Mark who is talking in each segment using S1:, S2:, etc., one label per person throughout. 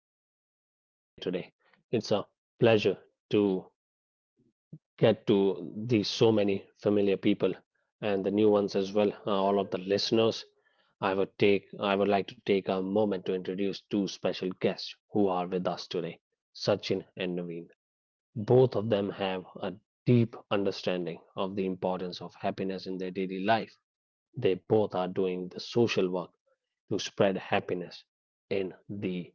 S1: all for being here today. It's a pleasure to get to these so many familiar people and the new ones as well, all of the listeners. I would like to take a moment to introduce two special guests who are with us today, Sachin and Naveen. Both of them have a deep understanding of the importance of happiness in their daily life. They both are doing the social work to spread happiness in the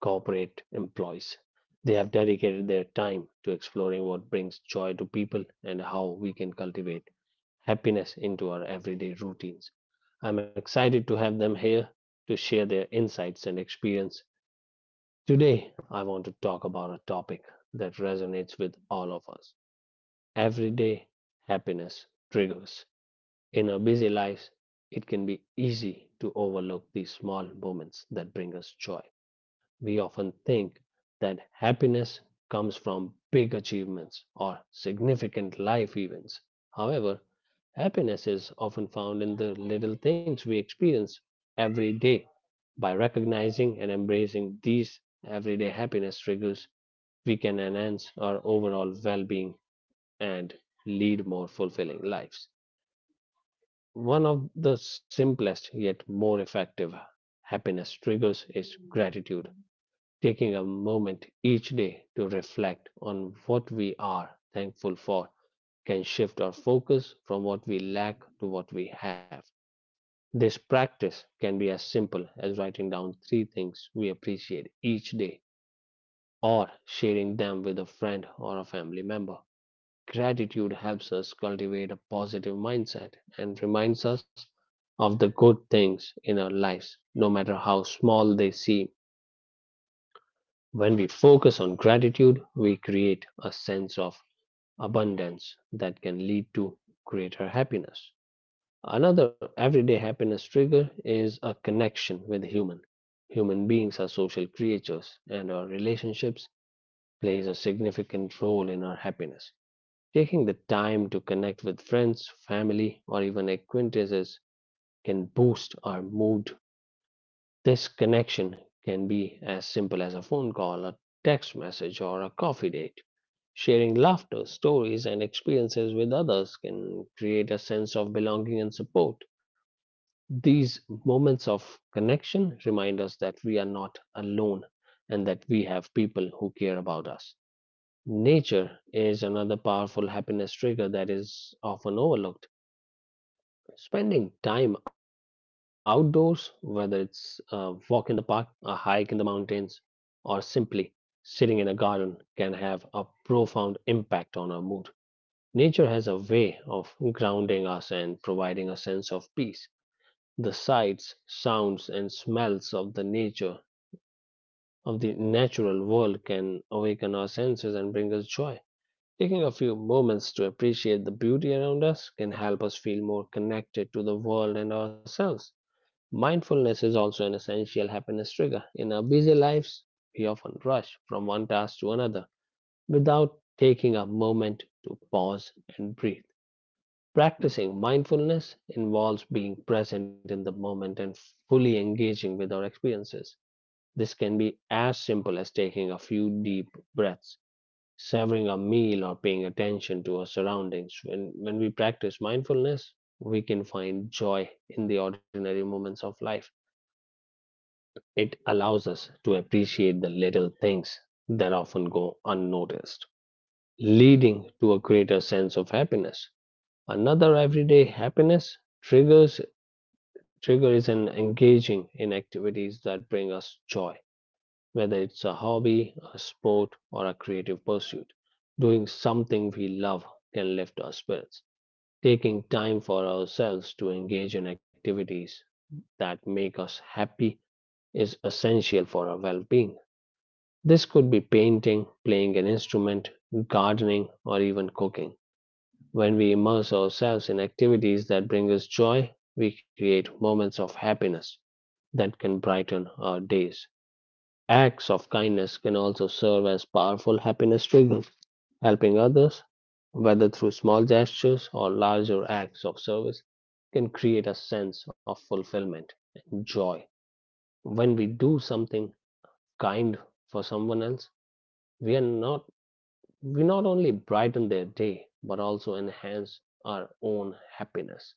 S1: corporate employees. They have dedicated their time to exploring what brings joy to people and how we can cultivate happiness into our everyday routines. I'm excited to have them here to share their insights and experience. Today, I want to talk about a topic that resonates with all of us everyday happiness triggers. In our busy lives, it can be easy to overlook these small moments that bring us joy. We often think that happiness comes from big achievements or significant life events. However, happiness is often found in the little things we experience every day. By recognizing and embracing these everyday happiness triggers, we can enhance our overall well being and lead more fulfilling lives. One of the simplest yet more effective happiness triggers is gratitude, taking a moment each day to reflect on what we are thankful for can shift our focus from what we lack to what we have. This practice can be as simple as writing down three things we appreciate each day or sharing them with a friend or a family member. Gratitude helps us cultivate a positive mindset and reminds us of the good things in our lives, no matter how small they seem. When we focus on gratitude, we create a sense of abundance that can lead to greater happiness. Another everyday happiness trigger is a connection with human. Human beings are social creatures and our relationships plays a significant role in our happiness. Taking the time to connect with friends, family, or even acquaintances can boost our mood. This connection can be as simple as a phone call, a text message, or a coffee date. Sharing laughter, stories, and experiences with others can create a sense of belonging and support. These moments of connection remind us that we are not alone and that we have people who care about us. Nature is another powerful happiness trigger that is often overlooked. Spending time outdoors, whether it's a walk in the park, a hike in the mountains, or simply sitting in a garden, can have a profound impact on our mood. Nature has a way of grounding us and providing a sense of peace. The sights, sounds, and smells of the nature of the natural world can awaken our senses and bring us joy. Taking a few moments to appreciate the beauty around us can help us feel more connected to the world and ourselves. Mindfulness is also an essential happiness trigger. In our busy lives, we often rush from one task to another without taking a moment to pause and breathe. Practicing mindfulness involves being present in the moment and fully engaging with our experiences. This can be as simple as taking a few deep breaths savoring a meal or paying attention to our surroundings. When we practice mindfulness, we can find joy in the ordinary moments of life. It allows us to appreciate the little things that often go unnoticed, leading to a greater sense of happiness. Another everyday happiness triggers trigger is an engaging in activities that bring us joy. Whether it's a hobby, a sport, or a creative pursuit, doing something we love can lift our spirits. Taking time for ourselves to engage in activities that make us happy is essential for our well being. This could be painting, playing an instrument, gardening, or even cooking. When we immerse ourselves in activities that bring us joy, we create moments of happiness that can brighten our days. Acts of kindness can also serve as powerful happiness triggers. Helping others, whether through small gestures or larger acts of service, can create a sense of fulfillment and joy. When we do something kind for someone else, we are not we not only brighten their day but also enhance our own happiness.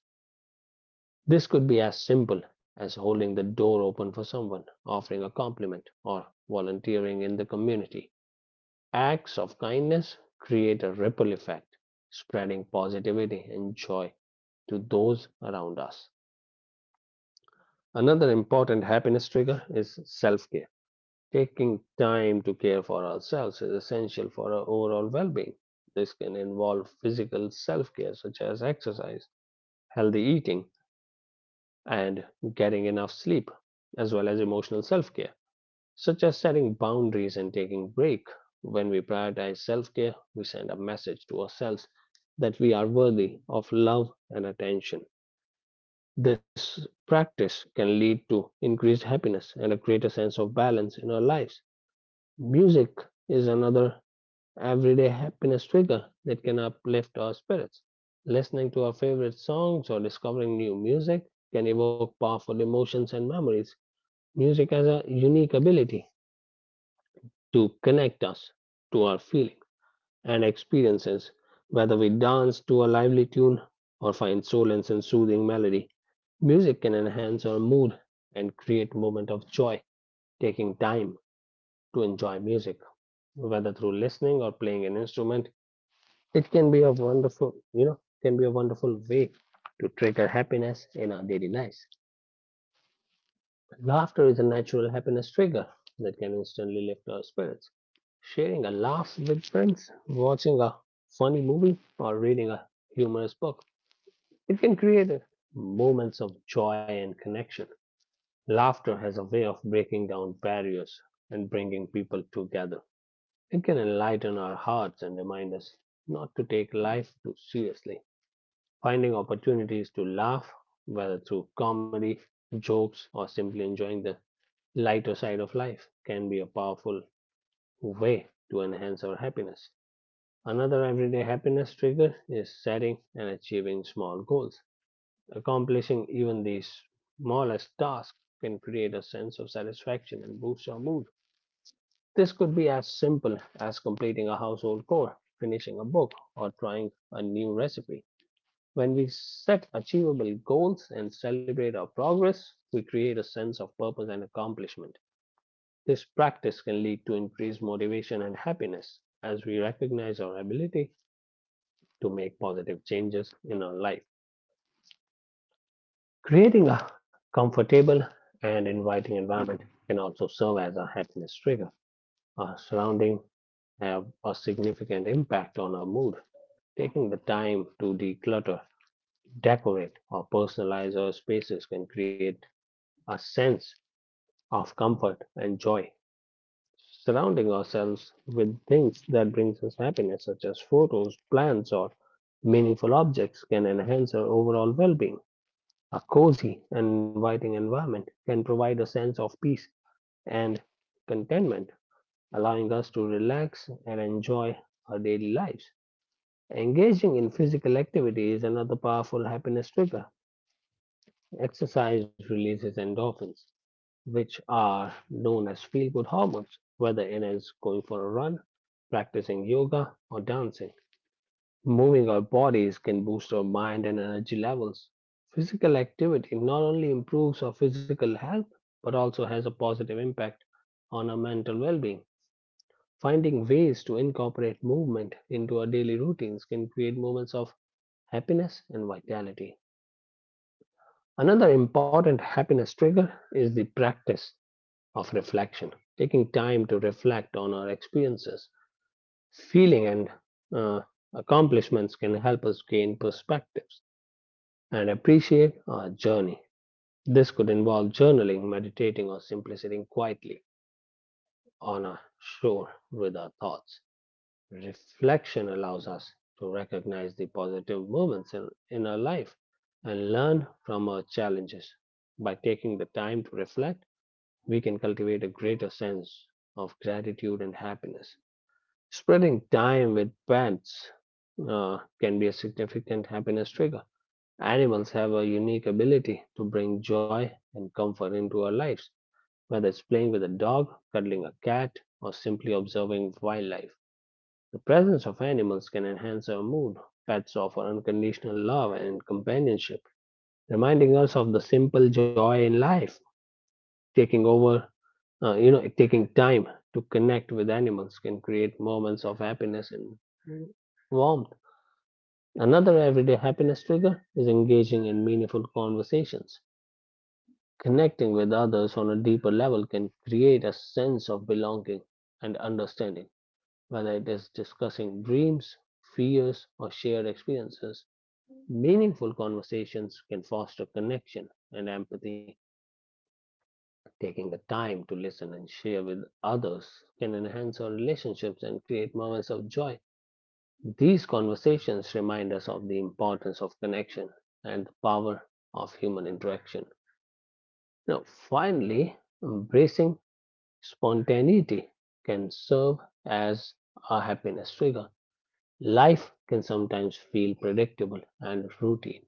S1: This could be as simple as holding the door open for someone, offering a compliment, or volunteering in the community. Acts of kindness create a ripple effect, spreading positivity and joy to those around us. Another important happiness trigger is self care. Taking time to care for ourselves is essential for our overall well being. This can involve physical self care, such as exercise, healthy eating, and getting enough sleep, as well as emotional self care, such as setting boundaries and taking break. When we prioritize self-care, we send a message to ourselves that we are worthy of love and attention. This practice can lead to increased happiness and a greater sense of balance in our lives. Music is another everyday happiness trigger that can uplift our spirits. Listening to our favorite songs or discovering new music can evoke powerful emotions and memories. Music has a unique ability to connect us to our feelings and experiences, whether we dance to a lively tune or find solace in soothing melody. Music can enhance our mood and create moments of joy. Taking time to enjoy music, whether through listening or playing an instrument, it can be a can be a wonderful way to trigger happiness in our daily lives. Laughter is a natural happiness trigger that can instantly lift our spirits. Sharing a laugh with friends, watching a funny movie, or reading a humorous book, it can create moments of joy and connection. Laughter has a way of breaking down barriers and bringing people together. It can enlighten our hearts and remind us not to take life too seriously. Finding opportunities to laugh, whether through comedy, jokes, or simply enjoying the lighter side of life can be a powerful way to enhance our happiness. Another everyday happiness trigger is setting and achieving small goals. Accomplishing even these smallest tasks can create a sense of satisfaction and boost our mood. This could be as simple as completing a household chore, finishing a book, or trying a new recipe. When we set achievable goals and celebrate our progress, we create a sense of purpose and accomplishment. This practice can lead to increased motivation and happiness as we recognize our ability to make positive changes in our life. Creating a comfortable and inviting environment can also serve as a happiness trigger. Our surroundings have a significant impact on our mood. Taking the time to declutter, decorate, or personalize our spaces can create a sense of comfort and joy. Surrounding ourselves with things that brings us happiness, such as photos, plants, or meaningful objects, can enhance our overall well-being. A cozy and inviting environment can provide a sense of peace and contentment, allowing us to relax and enjoy our daily lives. Engaging in physical activity is another powerful happiness trigger. Exercise releases endorphins, which are known as feel good hormones, whether it is going for a run, practicing yoga, or dancing. Moving our bodies can boost our mind and energy levels. Physical activity not only improves our physical health but also has a positive impact on our mental well being. Finding ways to incorporate movement into our daily routines can create moments of happiness and vitality. Another important happiness trigger is the practice of reflection, taking time to reflect on our experiences, feeling, and uh, accomplishments can help us gain perspectives and appreciate our journey. This could involve journaling, meditating, or simply sitting quietly on a shore with our thoughts. Reflection allows us to recognize the positive moments in our life and learn from our challenges. By taking the time to reflect, we can cultivate a greater sense of gratitude and happiness. Spreading time with pets can be a significant happiness trigger. Animals have a unique ability to bring joy and comfort into our lives, whether it's playing with a dog, cuddling a cat, or simply observing wildlife. The presence of animals can enhance our mood. Pets offer unconditional love and companionship, reminding us of the simple joy in life. Taking over you know, Taking time to connect with animals can create moments of happiness and warmth. Another everyday happiness trigger is engaging in meaningful conversations. Connecting with others on a deeper level can create a sense of belonging and understanding, whether it is discussing dreams, fears, or shared experiences. Meaningful conversations can foster connection and empathy. Taking the time to listen and share with others can enhance our relationships and create moments of joy. These conversations remind us of the importance of connection and the power of human interaction. Now, finally, embracing spontaneity can serve as a happiness trigger. Life can sometimes feel predictable and routine,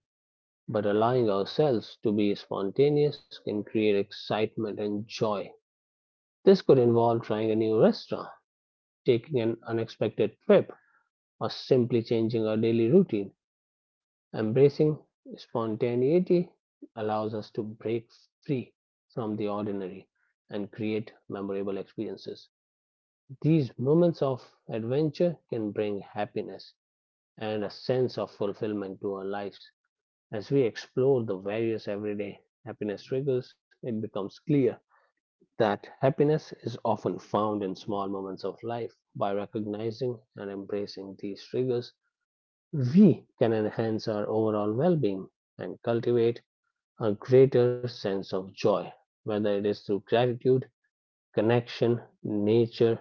S1: but allowing ourselves to be spontaneous can create excitement and joy. This could involve trying a new restaurant, taking an unexpected trip, or simply changing our daily routine. Embracing spontaneity allows us to break free from the ordinary and create memorable experiences. These moments of adventure can bring happiness and a sense of fulfillment to our lives. As we explore the various everyday happiness triggers, it becomes clear that happiness is often found in small moments of life. By recognizing and embracing these triggers, we can enhance our overall well being and cultivate a greater sense of joy, whether it is through gratitude, connection, nature,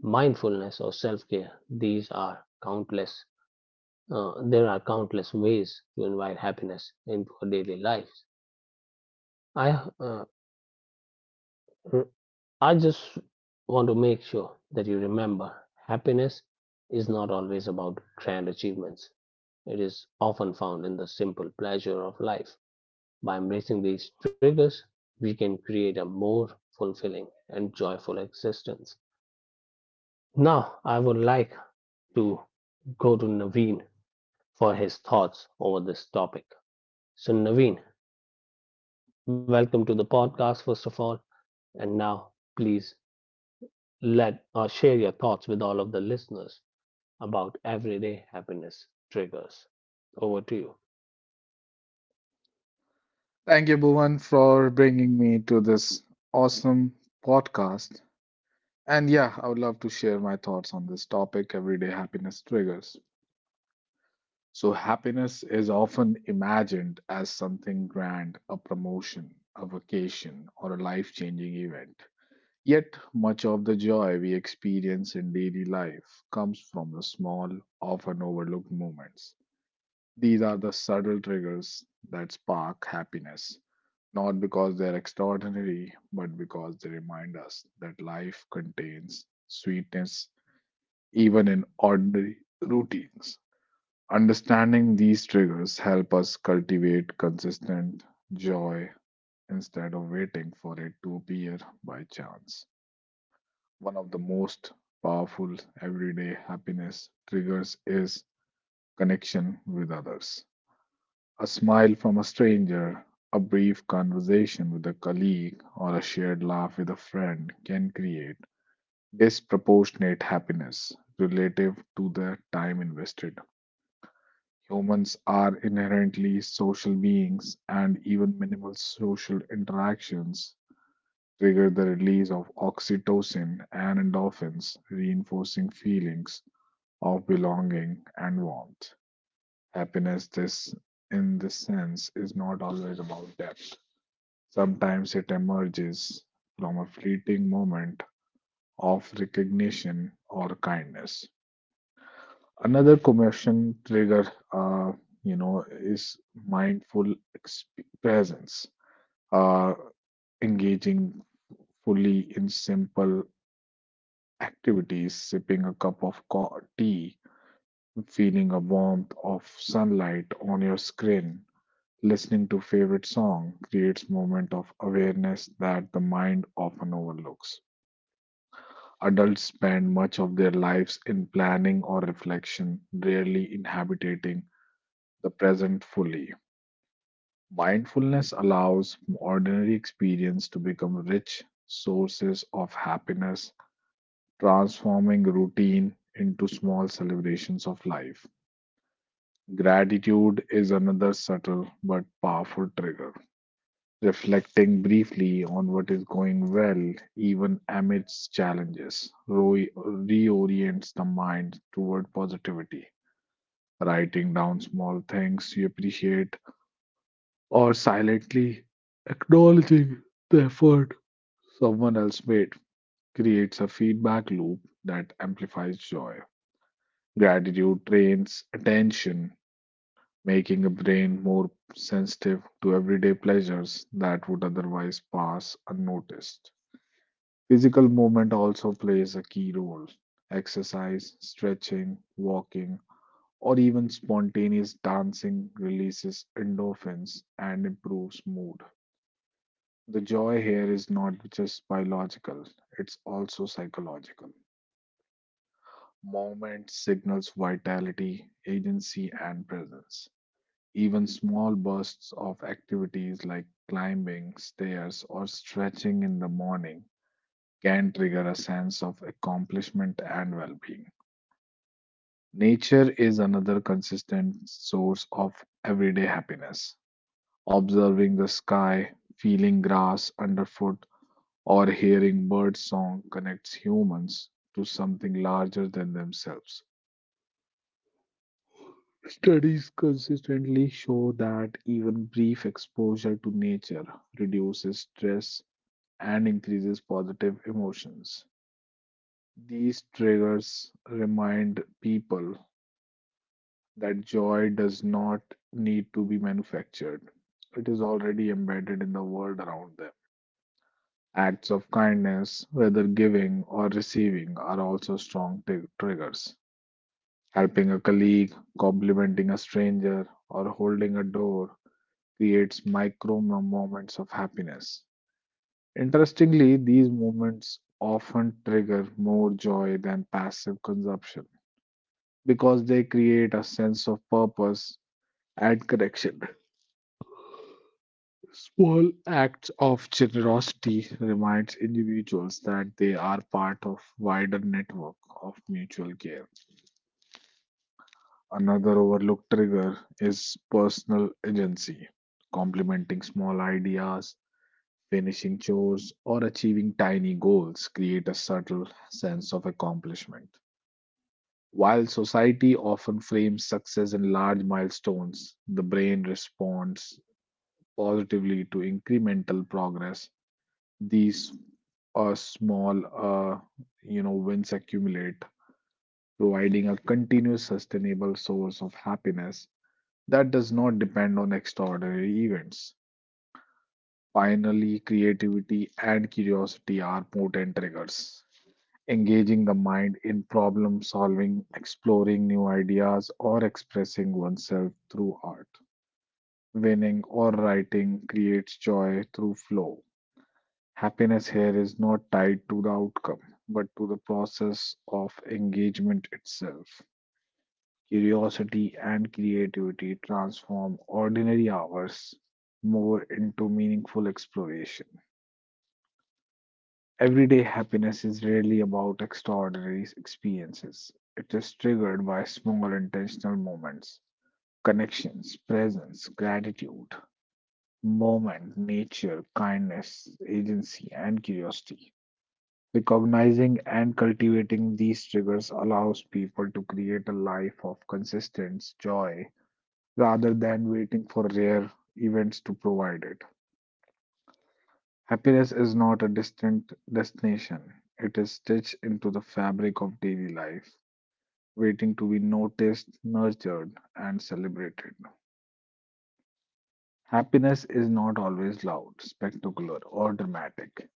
S1: mindfulness, or self care. These are countless. There are countless ways to invite happiness into our daily lives. I uh, I just want to make sure that you remember happiness is not always about grand achievements. It is often found in the simple pleasure of life. By embracing these triggers, we can create a more fulfilling and joyful existence. Now, I would like to go to Naveen for his thoughts over this topic. So, Naveen, welcome to the podcast, first of all. And now, please let share your thoughts with all of the listeners about everyday happiness triggers. Over to you.
S2: Thank you, Bhuvan, for bringing me to this awesome podcast. And yeah, I would love to share my thoughts on this topic everyday happiness triggers. So, happiness is often imagined as something grand, a promotion, a vacation, or a life changing event. Yet, much of the joy we experience in daily life comes from the small, often overlooked moments. These are the subtle triggers that spark happiness, not because they're extraordinary, but because they remind us that life contains sweetness even in ordinary routines. Understanding these triggers help us cultivate consistent joy instead of waiting for it to appear by chance. One of the most powerful everyday happiness triggers is connection with others. A smile from a stranger, a brief conversation with a colleague, or a shared laugh with a friend can create disproportionate happiness relative to the time invested. Humans are inherently social beings, and even minimal social interactions trigger the release of oxytocin and endorphins, reinforcing feelings of belonging and warmth. Happiness, this in this sense, is not always about depth. Sometimes it emerges from a fleeting moment of recognition or kindness. Another commotion trigger, uh, is mindful presence. Uh, Engaging fully in simple activities, sipping a cup of tea, feeling a warmth of sunlight on your skin, listening to favorite song creates moment of awareness that the mind often overlooks. Adults spend much of their lives in planning or reflection, rarely inhabiting the present fully. Mindfulness allows ordinary experience to become rich sources of happiness, transforming routine into small celebrations of life. Gratitude is another subtle but powerful trigger. Reflecting briefly on what is going well, even amidst challenges, Roy reorients the mind toward positivity. Writing down small things you appreciate or silently acknowledging the effort someone else made creates a feedback loop that amplifies joy. Gratitude trains attention, making the brain more sensitive to everyday pleasures that would otherwise pass unnoticed. Physical movement also plays a key role. Exercise, stretching, walking, or even spontaneous dancing releases endorphins and improves mood. The joy here is not just biological, it's also psychological. Movement signals vitality, agency, and presence. Even small bursts of activities like climbing stairs or stretching in the morning can trigger a sense of accomplishment and well being. Nature is another consistent source of everyday happiness. Observing the sky, feeling grass underfoot, or hearing bird song connects humans to something larger than themselves. Studies consistently show that even brief exposure to nature reduces stress and increases positive emotions. These triggers remind people that joy does not need to be manufactured. It is already embedded in the world around them. Acts of kindness, whether giving or receiving, are also strong triggers. Helping a colleague, complimenting a stranger, or holding a door creates micro moments of happiness. Interestingly, these moments often trigger more joy than passive consumption because they create a sense of purpose and connection. Small acts of generosity reminds individuals that they are part of wider network of mutual care. Another overlooked trigger is personal agency. Complementing small ideas, finishing chores, or achieving tiny goals create a subtle sense of accomplishment. While society often frames success in large milestones, the brain responds positively to incremental progress. These small wins accumulate, providing a continuous sustainable source of happiness that does not depend on extraordinary events. Finally, creativity and curiosity are potent triggers. Engaging the mind in problem solving, exploring new ideas, or expressing oneself through art. Winning or writing creates joy through flow. Happiness here is not tied to the outcome, but to the process of engagement itself. Curiosity and creativity transform ordinary hours more into meaningful exploration. Everyday happiness is rarely about extraordinary experiences. It is triggered by small intentional moments, connections, presence, gratitude, moment, nature, kindness, agency, and curiosity. Recognizing and cultivating these triggers allows people to create a life of consistent joy rather than waiting for rare events to provide it. Happiness is not a distant destination, it is stitched into the fabric of daily life, waiting to be noticed, nurtured, and celebrated. Happiness is not always loud, spectacular, or dramatic.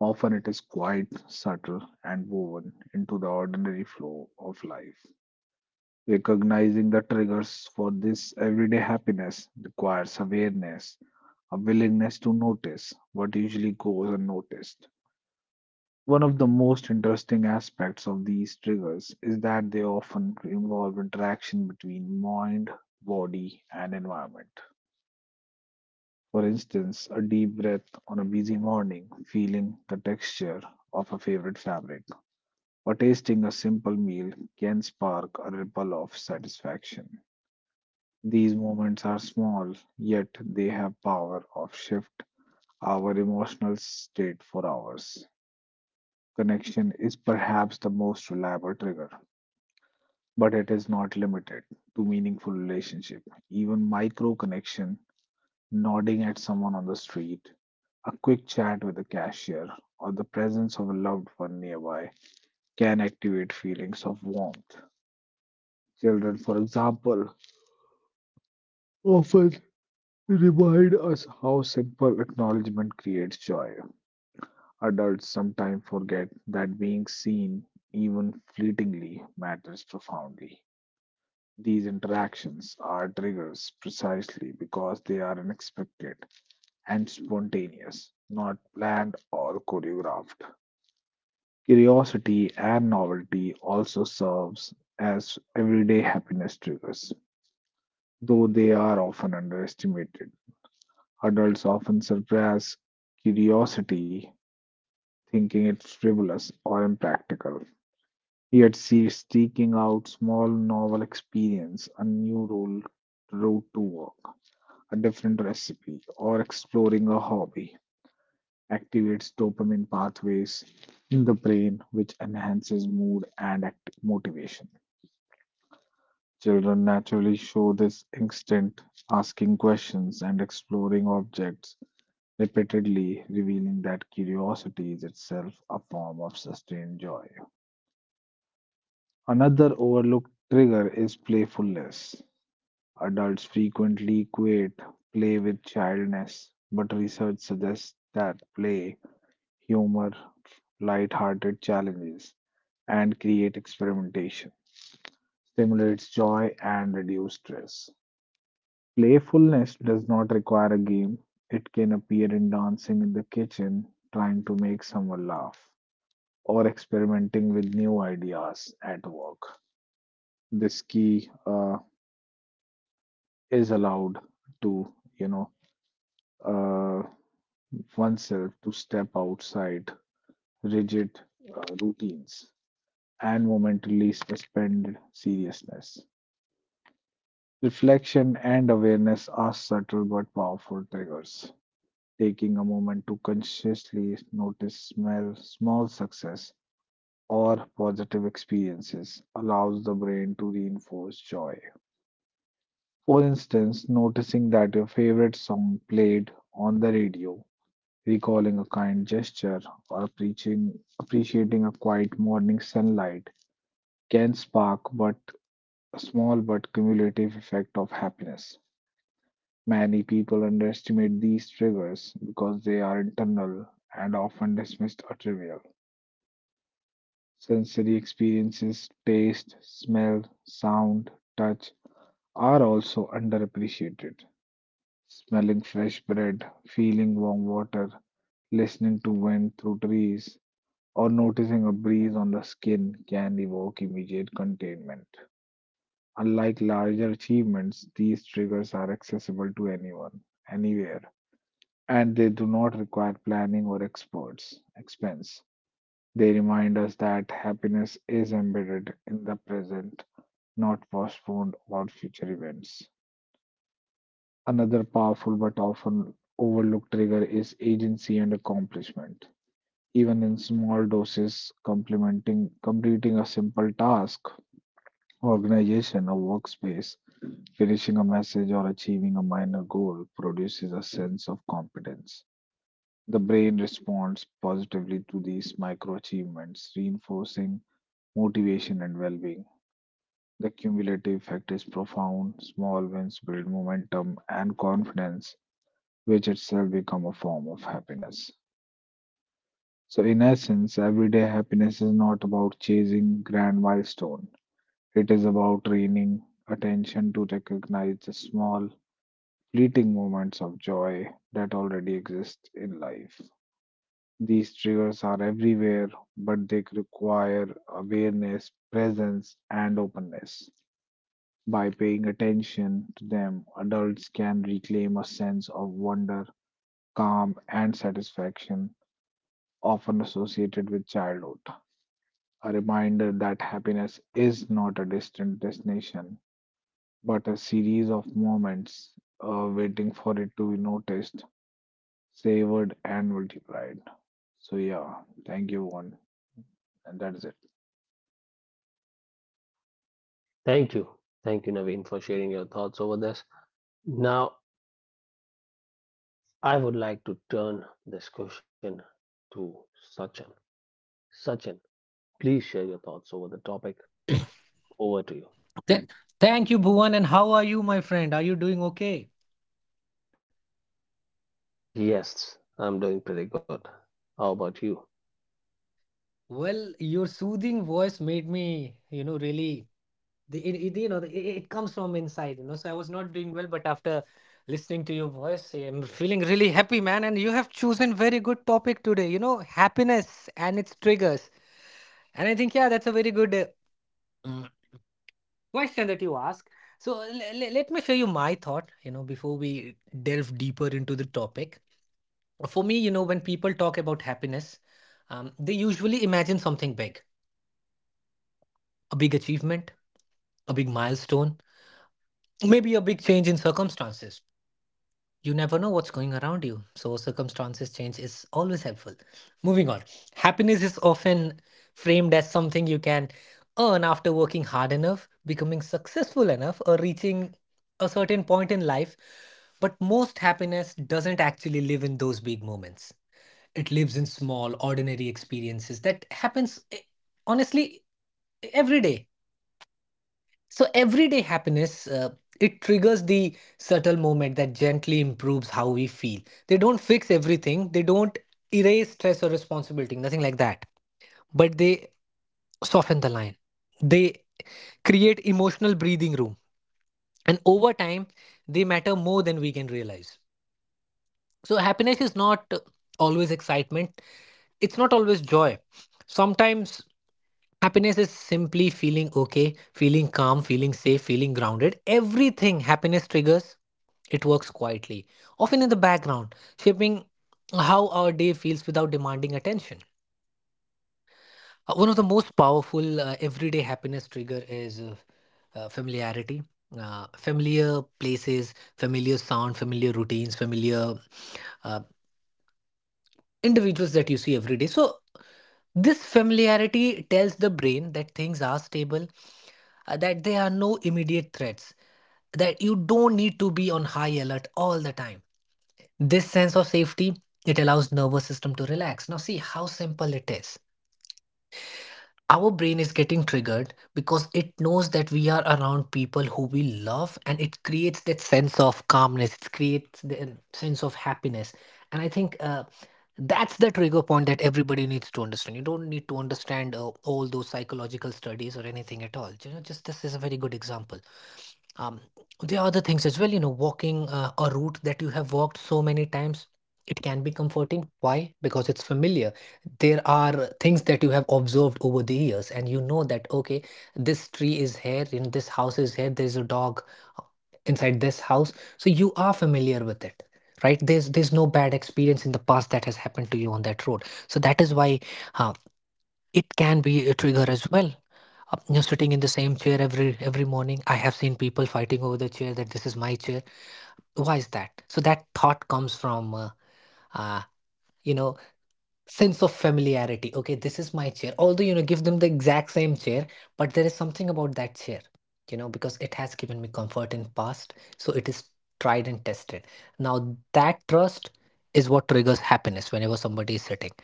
S2: Often it is quiet, subtle, and woven into the ordinary flow of life. Recognizing the triggers for this everyday happiness requires awareness, a willingness to notice what usually goes unnoticed. One of the most interesting aspects of these triggers is that they often involve interaction between mind, body, and environment. For instance, a deep breath on a busy morning, feeling the texture of a favorite fabric, or tasting a simple meal can spark a ripple of satisfaction. These moments are small, yet they have power of shift our emotional state for hours. Connection is perhaps the most reliable trigger, but it is not limited to meaningful relationship. Even micro connection, nodding at someone on the street, a quick chat with a cashier, or the presence of a loved one nearby can activate feelings of warmth. Children, for example, often remind us how simple acknowledgement creates joy. Adults sometimes forget that being seen, even fleetingly, matters profoundly. These interactions are triggers precisely because they are unexpected and spontaneous, not planned or choreographed. Curiosity and novelty also serves as everyday happiness triggers, though they are often underestimated. Adults often surpass curiosity thinking it's frivolous or impractical. Yet she's seeking out small novel experience, a new role, route to work, a different recipe, or exploring a hobby activates dopamine pathways in the brain, which enhances mood and motivation. Children naturally show this instinct, asking questions and exploring objects repeatedly, revealing that curiosity is itself a form of sustained joy. Another overlooked trigger is playfulness. Adults frequently equate play with childness, but research suggests that play, humor, light-hearted challenges, and create experimentation stimulates joy and reduce stress. Playfulness does not require a game. It can appear in dancing in the kitchen, trying to make someone laugh, or experimenting with new ideas at work. This key is allowed to, uh, oneself to step outside rigid routines and momentarily suspend seriousness. Reflection and awareness are subtle but powerful triggers. Taking a moment to consciously notice smell, small success or positive experiences allows the brain to reinforce joy. For instance, noticing that your favorite song played on the radio, recalling a kind gesture or preaching, appreciating a quiet morning sunlight can spark but a small but cumulative effect of happiness. Many people underestimate these triggers because they are internal and often dismissed as trivial. Sensory experiences, taste, smell, sound, touch are also underappreciated. Smelling fresh bread, feeling warm water, listening to wind through trees, or noticing a breeze on the skin can evoke immediate containment. Unlike larger achievements, these triggers are accessible to anyone, anywhere, and they do not require planning or experts expense. They remind us that happiness is embedded in the present, not postponed or future events. Another powerful but often overlooked trigger is agency and accomplishment. Even in small doses, complementing completing a simple task, organization, a workspace, finishing a message or achieving a minor goal produces a sense of competence. The brain responds positively to these micro achievements, reinforcing motivation and well being. The cumulative effect is profound. Small wins build momentum and confidence, which itself become a form of happiness. So, in essence, everyday happiness is not about chasing grand milestone. It is about training attention to recognize the small, fleeting moments of joy that already exist in life. These triggers are everywhere, but they require awareness, presence, and openness. By paying attention to them, adults can reclaim a sense of wonder, calm, and satisfaction often associated with childhood. A reminder that happiness is not a distant destination, but a series of moments waiting for it to be noticed, savored, and multiplied. So, yeah, thank you, Bhuvan. And that is it.
S1: Thank you. Thank you, Naveen, for sharing your thoughts over this. Now, I would like to turn this question to Sachin. Sachin, please share your thoughts over the topic. Over to you.
S3: Th- Thank you, Bhuvan. And how are you, my friend? Are you doing okay?
S1: Yes, I'm doing pretty good. How about you?
S3: Well, your soothing voice made me, really, the, it, you know, the, it comes from inside, So I was not doing well, but after listening to your voice, I'm feeling really happy, man. And you have chosen very good topic today, you know, happiness and its triggers. And I think, yeah, that's a very good mm, question that you ask. So let me show you my thought, you know, before we delve deeper into the topic. For me, you know, when people talk about happiness, they usually imagine something big, a big achievement, a big milestone, maybe a big change in circumstances. You never know what's going around you. So, circumstances change is always helpful. Moving on, happiness is often framed as something you can earn after working hard enough, becoming successful enough, or reaching a certain point in life. But most happiness doesn't actually live in those big moments. It lives in small, ordinary experiences that happens honestly every day. So everyday happiness, it triggers the subtle moment that gently improves how we feel. They don't fix everything. They don't erase stress or responsibility. Nothing like that. But they soften the line. They create emotional breathing room, and over time, they matter more than we can realize. So happiness is not always excitement. It's not always joy. Sometimes happiness is simply feeling okay, feeling calm, feeling safe, feeling grounded. Everything happiness triggers, it works quietly, often in the background, shaping how our day feels without demanding attention. One of the most powerful everyday happiness trigger is familiarity. Familiar places, familiar sound, familiar routines, familiar uh, individuals that you see every day. So, this familiarity tells the brain that things are stable, that there are no immediate threats, that you don't need to be on high alert all the time. This sense of safety, it allows nervous system to relax. Now see how simple it is. Our brain is getting triggered because it knows that we are around people who we love and it creates that sense of calmness, it creates the sense of happiness. And I think that's the trigger point that everybody needs to understand. You don't need to understand all those psychological studies or anything at all. You know, just this is a very good example. Um, there are other things as well, you know, walking a route that you have walked so many times. It can be comforting. Why? Because it's familiar. There are things that you have observed over the years, and you know that, okay, this tree is here, you know, this house is here, there's a dog uh, inside this house. So you are familiar with it, right? There's no bad experience in the past that has happened to you on that road. So that is why uh, it can be a trigger as well. You're sitting in the same chair every morning. I have seen people fighting over the chair, that this is my chair. Why is that? So that thought comes from uh you know sense of familiarity. Okay, this is my chair, although, you know, give them the exact same chair, but there is something about that chair, you know, because it has given me comfort in past. So it is tried and tested. Now that trust is what triggers happiness whenever somebody is sitting,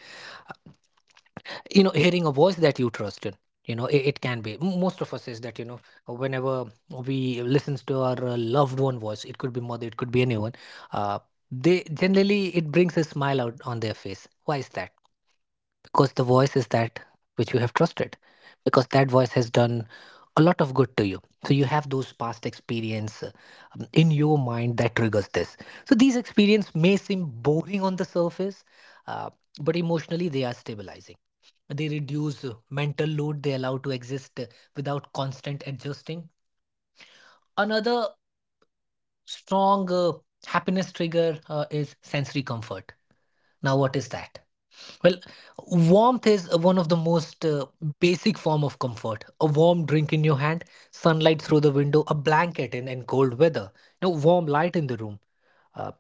S3: you know, hearing a voice that you trusted. You know, it can be most of us is that, you know, whenever we listens to our loved one voice, it could be mother, it could be anyone. Uh, they generally, it brings a smile out on their face. Why is that? Because the voice is that which you have trusted, because that voice has done a lot of good to you. So you have those past experience in your mind that triggers this. So these experience may seem boring on the surface, uh, but emotionally they are stabilizing. They reduce mental load, they allow to exist without constant adjusting. Another strong happiness trigger is sensory comfort. Now what is that? Well, warmth is one of the most basic form of comfort. A warm drink in your hand, sunlight through the window, a blanket in cold weather, you know, warm light in the room. Uh,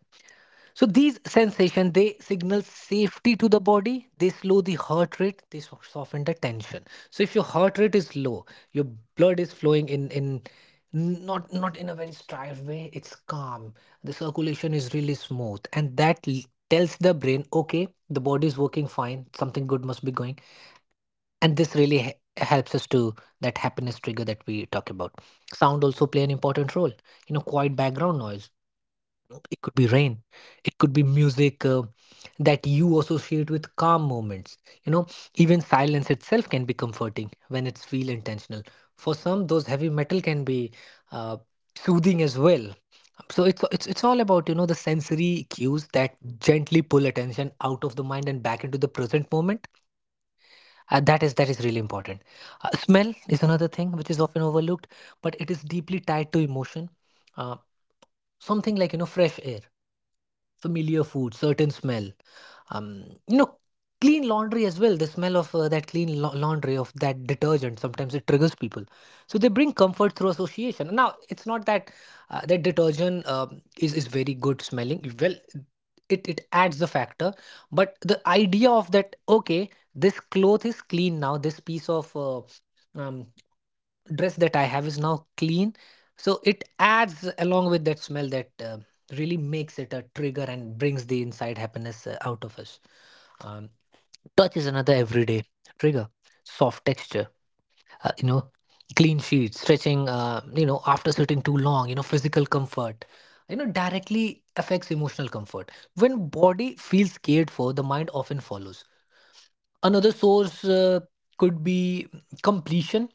S3: So these sensations, they signal safety to the body. They slow the heart rate. They soften the tension. So if your heart rate is low, your blood is flowing in, not in a very strived way. It's calm. The circulation is really smooth, and tells the brain, okay, the body is working fine. Something good must be going, and this really helps us to that happiness trigger that we talk about. Sound also play an important role. You know, quiet background noise, it could be rain, it could be music, that you associate with calm moments, you know, even silence itself can be comforting when it's feel intentional. For some, those heavy metal can be uh, soothing as well. So it's all about, you know, the sensory cues that gently pull attention out of the mind and back into the present moment. Uh, that is really important. Uh, smell is another thing which is often overlooked, but it is deeply tied to emotion. Uh, Something like, you know, fresh air, familiar food, certain smell. You know, clean laundry as well. The smell of that clean laundry, of that detergent, sometimes it triggers people. So they bring comfort through association. Now, it's not that that detergent is very good smelling. Well, it adds the factor, but the idea of that, okay, this cloth is clean now, this piece of um, dress that I have is now clean. So it adds along with that smell that really makes it a trigger and brings the inside happiness out of us. Um, touch is another everyday trigger. Soft texture, you know, clean sheets, stretching, you know, after sitting too long, you know, physical comfort, you know, directly affects emotional comfort. When body feels cared for, the mind often follows. Another source could be completion.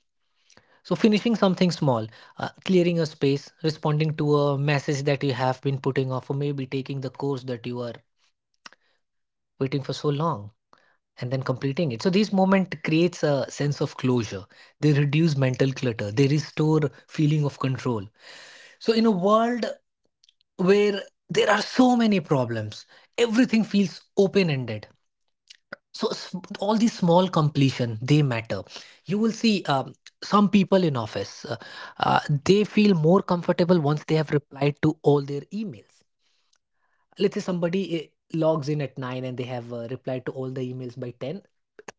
S3: So, finishing something small, clearing a space, responding to a message that you have been putting off, or maybe taking the course that you are waiting for so long and then completing it. So, these moments creates a sense of closure. They reduce mental clutter. They restore feeling of control. So, in a world where there are so many problems, everything feels open-ended. So all these small completion, they matter. You will see, some people in office uh, they feel more comfortable once they have replied to all their emails. Let's say somebody logs in at 9 and they have replied to all the emails by 10,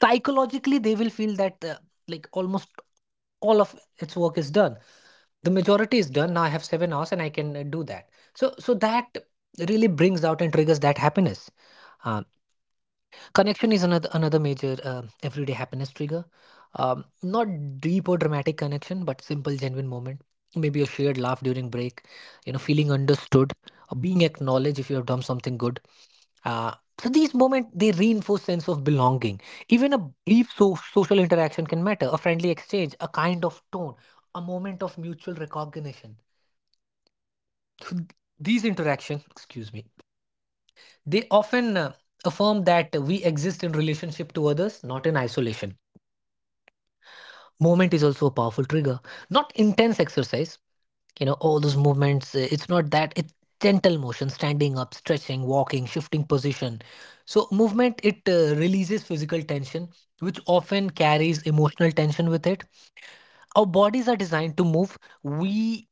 S3: psychologically they will feel that like almost all of its work is done. The majority is done, now I have 7 hours and I can do that. So that really brings out and triggers that happiness. Uh, connection is another major everyday happiness trigger. Um, not deep or dramatic connection, but simple genuine moment, maybe a shared laugh during break, you know, feeling understood, or being acknowledged if you have done something good. Uh, so these moments, they reinforce sense of belonging. Even a brief social interaction can matter, a friendly exchange, a kind of tone, a moment of mutual recognition. So these interaction, excuse me, they often affirm that we exist in relationship to others, not in isolation. Movement is also a powerful trigger, not intense exercise, you know, all those movements, it's not that. It's gentle motion, standing up, stretching, walking, shifting position. So movement, it releases physical tension, which often carries emotional tension with it. Our bodies are designed to move. We,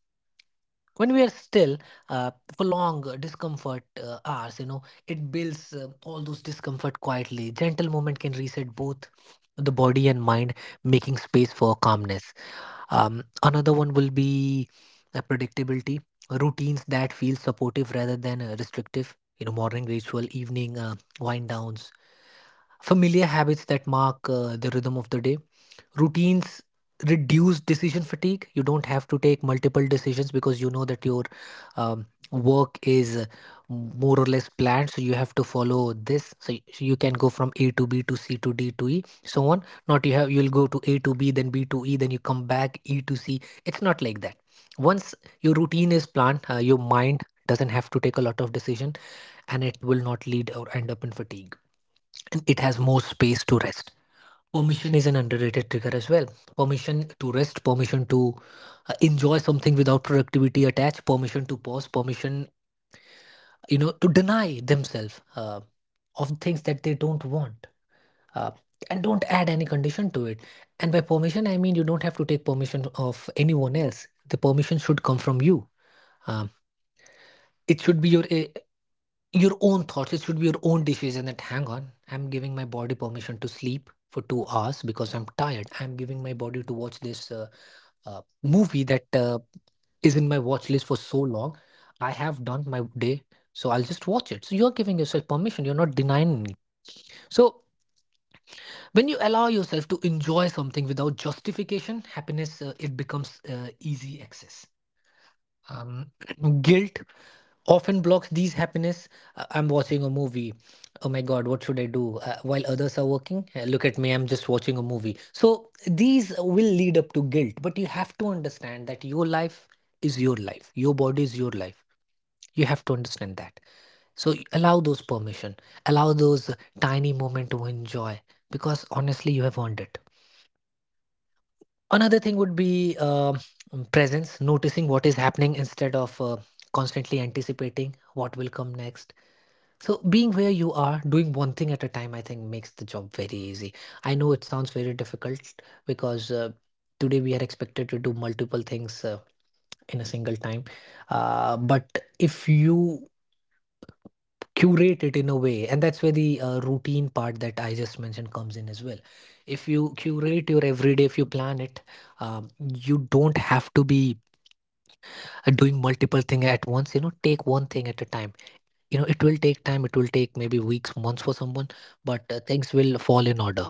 S3: when we are still, uh, for long discomfort hours, you know, it builds all those discomfort quietly. Gentle movement can reset both the body and mind, making space for calmness. Um, another one will be predictability, routines that feel supportive rather than restrictive. You know, morning ritual, evening wind downs, familiar habits that mark the rhythm of the day. Routines reduce decision fatigue. You don't have to take multiple decisions because you know that your um, work is more or less planned, so you have to follow this. So you can go from a to b to c to d to e, so on. Not you have You'll go to a to b, then b to e, then you come back e to c. It's not like that. Once your routine is planned, your mind doesn't have to take a lot of decision, and it will not lead or end up in fatigue, and it has more space to rest. Permission is an underrated trigger as well. Permission to rest, permission to enjoy something without productivity attached, permission to pause, permission, to deny themselves of things that they don't want. Uh, and don't add any condition to it. And by permission, I mean you don't have to take permission of anyone else. The permission should come from you. Um, it should be your own thoughts. It should be your own decision. That hang on, I'm giving my body permission to sleep for 2 hours because I'm tired. I'm giving my body to watch this. Movie that is in my watch list for so long. I have done my day, so I'll just watch it. So you're giving yourself permission, you're not denying it. So when you allow yourself to enjoy something without justification, happiness, it becomes easy access. um, Guilt often blocks these happiness. I'm watching a movie, oh my god, what should I do, while others are working. Look at me, I'm just watching a movie. So these will lead up to guilt, but you have to understand that your life is your life, your body is your life. You have to understand that. Allow those permission, allow those tiny moment to enjoy, because honestly you have earned it. Another thing would be presence, noticing what is happening instead of constantly anticipating what will come next. So, being where you are, doing one thing at a time, I think makes the job very easy. I know it sounds very difficult, because today we are expected to do multiple things in a single time. But if you curate it in a way, and that's where the routine part that I just mentioned comes in as well. If you curate your everyday, if you plan it, um, you don't have to be doing multiple things at once. You know, take one thing at a time. You know, it will take time, it will take maybe weeks, months for someone, but things will fall in order,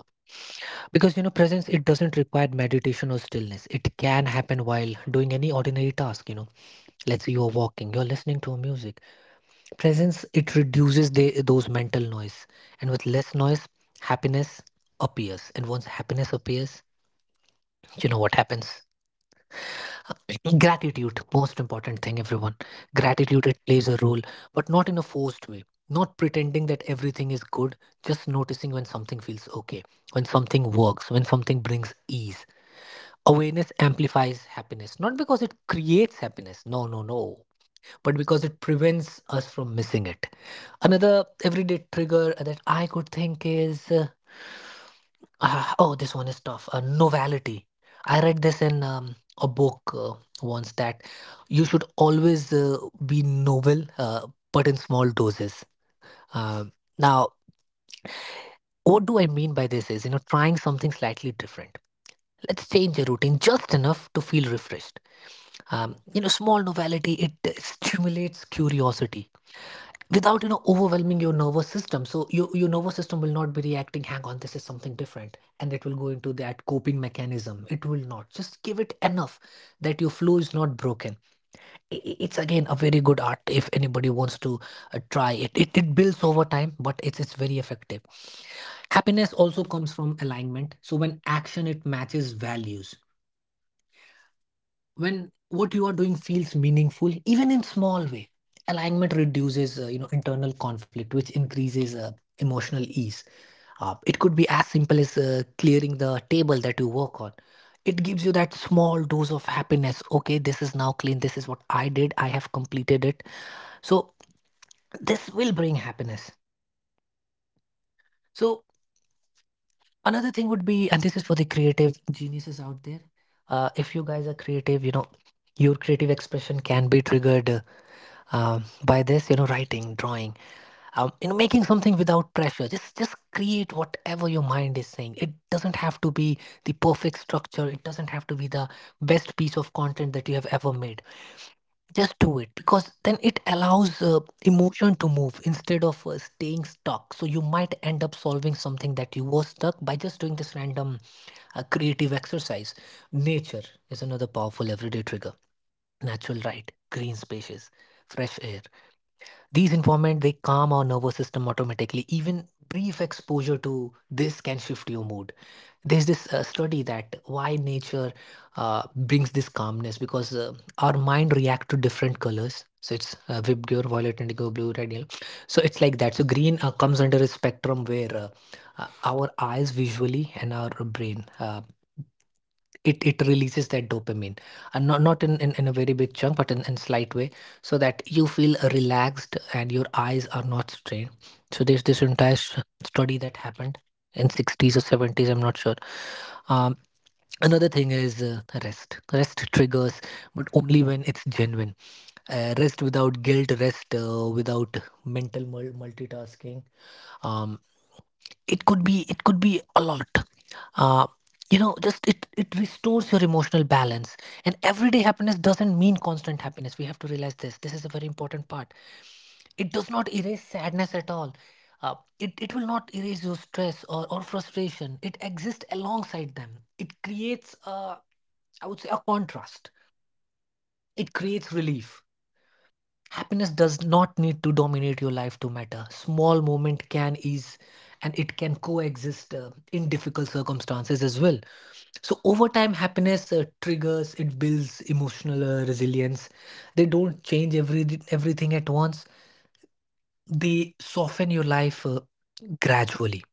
S3: because you know, presence, it doesn't require meditation or stillness, it can happen while doing any ordinary task. You know, let's say you're walking, you're listening to music. Presence, it reduces those mental noise. And with less noise, happiness appears. And once happiness appears, you know what happens? Gratitude, most important thing, everyone. Gratitude, it plays a role, but not in a forced way. Not pretending that everything is good, just noticing when something feels okay, when something works, when something brings ease. Awareness amplifies happiness, not because it creates happiness. No, no, no. But because it prevents us from missing it. Another everyday trigger that I could think is oh, this one is tough. Novelty. I read this in a book once that you should always be novel, but in small doses. Um Now, what do I mean by this is, you know, trying something slightly different. Let's change your routine just enough to feel refreshed. You know, small novelty, it stimulates curiosity without, you know, overwhelming your nervous system. So your nervous system will not be reacting, hang on, this is something different, and it will go into that coping mechanism. It will not, just give it enough that your flow is not broken. It's again a very good art if anybody wants to try it. It builds over time, but it's very effective. Happiness also comes from alignment, so when action, it matches values, when what you are doing feels meaningful even in small way, alignment reduces, you know, internal conflict, which increases emotional ease. It could be as simple as clearing the table that you work on. It gives you that small dose of happiness. Okay, this is now clean, this is what I did, I have completed it. So this will bring happiness. So another thing would be, and this is for the creative geniuses out there, if you guys are creative, you know, your creative expression can be triggered by this, you know, writing, drawing, you know, making something without pressure. Just create whatever your mind is saying. It doesn't have to be the perfect structure. It doesn't have to be the best piece of content that you have ever made. Just do it, because then it allows emotion to move instead of staying stuck. So you might end up solving something that you were stuck by just doing this random creative exercise. Nature is another powerful everyday trigger. Natural light, green spaces, fresh air, these informants, they calm our nervous system automatically. Even brief exposure to this can shift your mood. There's this study that why nature brings this calmness, because our mind react to different colors. So it's Vibgyor, violet, indigo, blue, red, yellow. So it's like that. So green comes under a spectrum where our eyes visually and our brain, it it releases that dopamine, and not in a very big chunk, but in slight way, so that you feel relaxed and your eyes are not strained. So there's this entire study that happened in 60s or 70s, I'm not sure. um Another thing is rest triggers, but only when it's genuine. Rest without guilt, rest without mental multitasking. um, it could be a lot. uh, you know, just it it restores your emotional balance. And everyday happiness doesn't mean constant happiness, we have to realize this, this is a very important part. It does not erase sadness at all. uh, it will not erase your stress or frustration, it exists alongside them, it creates a, I would say a contrast, it creates relief. Happiness does not need to dominate your life to matter. Small moment can ease, and it can coexist in difficult circumstances as well. So over time, happiness triggers, it builds emotional resilience. They don't change everything at once. They soften your life gradually.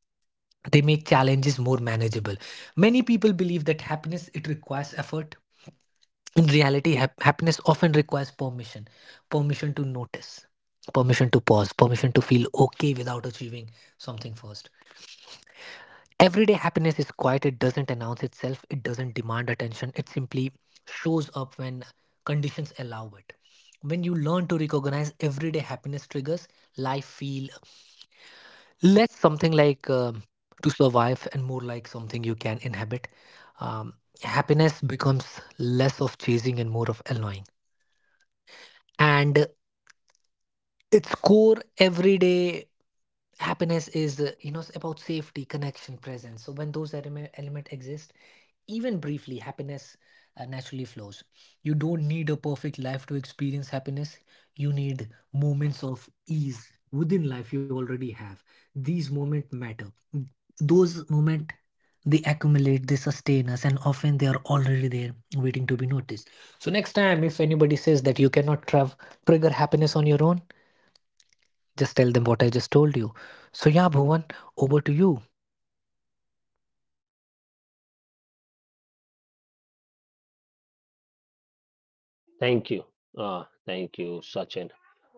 S3: They make challenges more manageable. Many people believe that happiness, it requires effort. In reality, happiness often requires permission, permission to notice, permission to pause, permission to feel okay without achieving something first. Everyday happiness is quiet, it doesn't announce itself, it doesn't demand attention, it simply shows up when conditions allow it. When you learn to recognize everyday happiness triggers, life feel less something like to survive and more like something you can inhabit. Um, happiness becomes less of chasing and more of allowing. And its core, everyday happiness is, you know, about safety, connection, presence. So when those elements exist, even briefly, happiness naturally flows. You don't need a perfect life to experience happiness, you need moments of ease within life you already have. These moments matter. Mm, those moments, they accumulate, they sustain us, and often they are already there waiting to be noticed. So next time, if anybody says that you cannot trigger happiness on your own, just tell them what I just told you. So, yeah, Bhuvan, over to you.
S1: Thank you. Thank you, Sachin,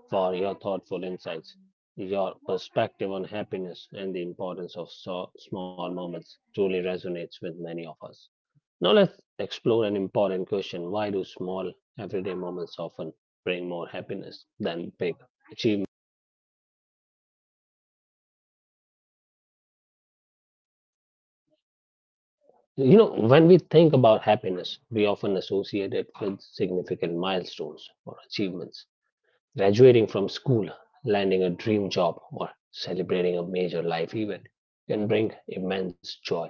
S1: for your thoughtful insights. Your perspective on happiness and the importance of small moments truly resonates with many of us. Now let's explore an important question. Why do small everyday moments often bring more happiness than big achievements? You know, when we think about happiness, we often associate it with significant milestones or achievements. Graduating from school, landing a dream job, or celebrating a major life event can bring immense joy.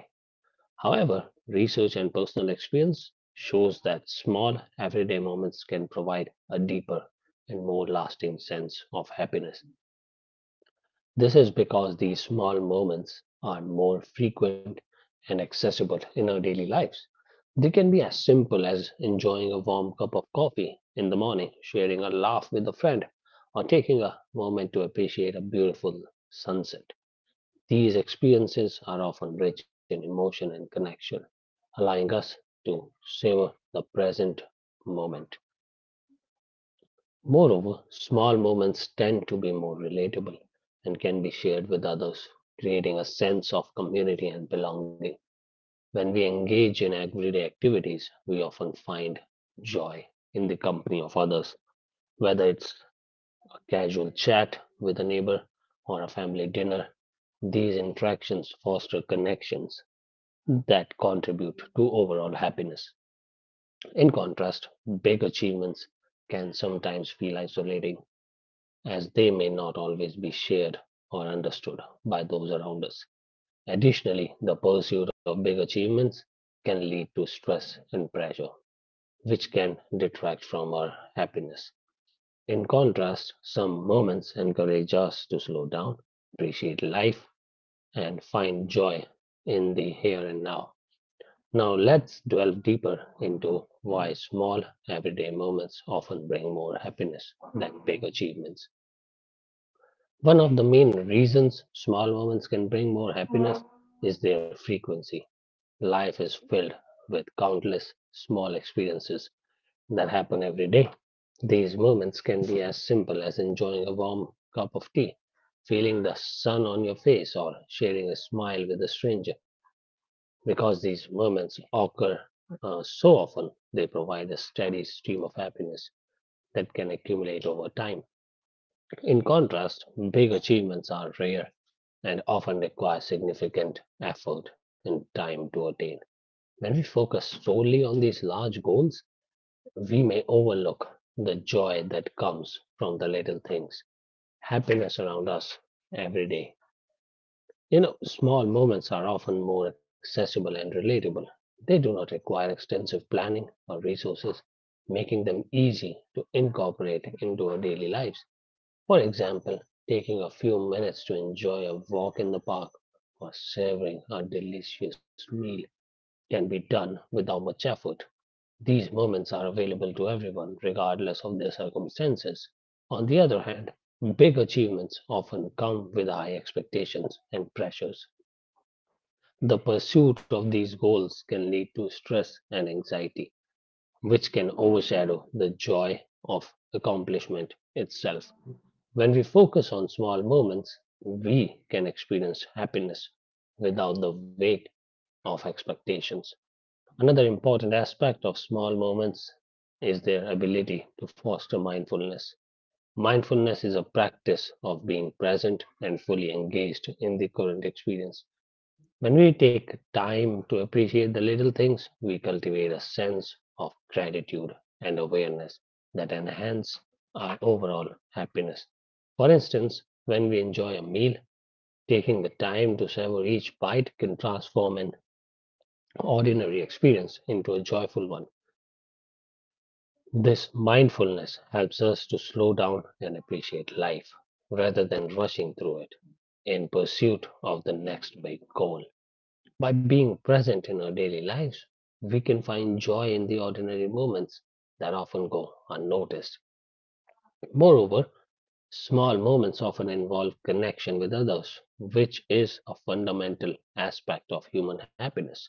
S1: However, research and personal experience shows that small, everyday moments can provide a deeper and more lasting sense of happiness. This is because these small moments are more frequent and accessible in our daily lives. They can be as simple as enjoying a warm cup of coffee in the morning, sharing a laugh with a friend, or taking a moment to appreciate a beautiful sunset. These experiences are often rich in emotion and connection, allowing us to savor the present moment. Moreover, small moments tend to be more relatable and can be shared with others, creating a sense of community and belonging. When we engage in everyday activities, we often find joy in the company of others, whether it's casual chat with a neighbor, or a family dinner. These interactions foster connections that contribute to overall happiness. In contrast, big achievements can sometimes feel isolating as they may not always be shared or understood by those around us. Additionally, the pursuit of big achievements can lead to stress and pressure, which can detract from our happiness. In contrast, some moments encourage us to slow down, appreciate life, and find joy in the here and now. Now, let's delve deeper into why small, everyday moments often bring more happiness than big achievements. One of the main reasons small moments can bring more happiness is their frequency. Life is filled with countless small experiences that happen every day. These moments can be as simple as enjoying a warm cup of tea, feeling the sun on your face, or sharing a smile with a stranger. Because these moments occur so often, they provide a steady stream of happiness that can accumulate over time. In contrast, big achievements are rare and often require significant effort and time to attain. When we focus solely on these large goals, we may overlook the joy that comes from the little things, happiness around us every day. You know, small moments are often more accessible and relatable. They do not require extensive planning or resources, making them easy to incorporate into our daily lives. For example, taking a few minutes to enjoy a walk in the park or savoring a delicious meal can be done without much effort. These moments are available to everyone, regardless of their circumstances. On the other hand, big achievements often come with high expectations and pressures. The pursuit of these goals can lead to stress and anxiety, which can overshadow the joy of accomplishment itself. When we focus on small moments, we can experience happiness without the weight of expectations. Another important aspect of small moments is their ability to foster mindfulness. Mindfulness is a practice of being present and fully engaged in the current experience. When we take time to appreciate the little things, we cultivate a sense of gratitude and awareness that enhance our overall happiness. For instance, when we enjoy a meal, taking the time to savor each bite can transform an ordinary experience into a joyful one. This mindfulness helps us to slow down and appreciate life rather than rushing through it in pursuit of the next big goal. By being present in our daily lives, we can find joy in the ordinary moments that often go unnoticed. Moreover, small moments often involve connection with others, which is a fundamental aspect of human happiness.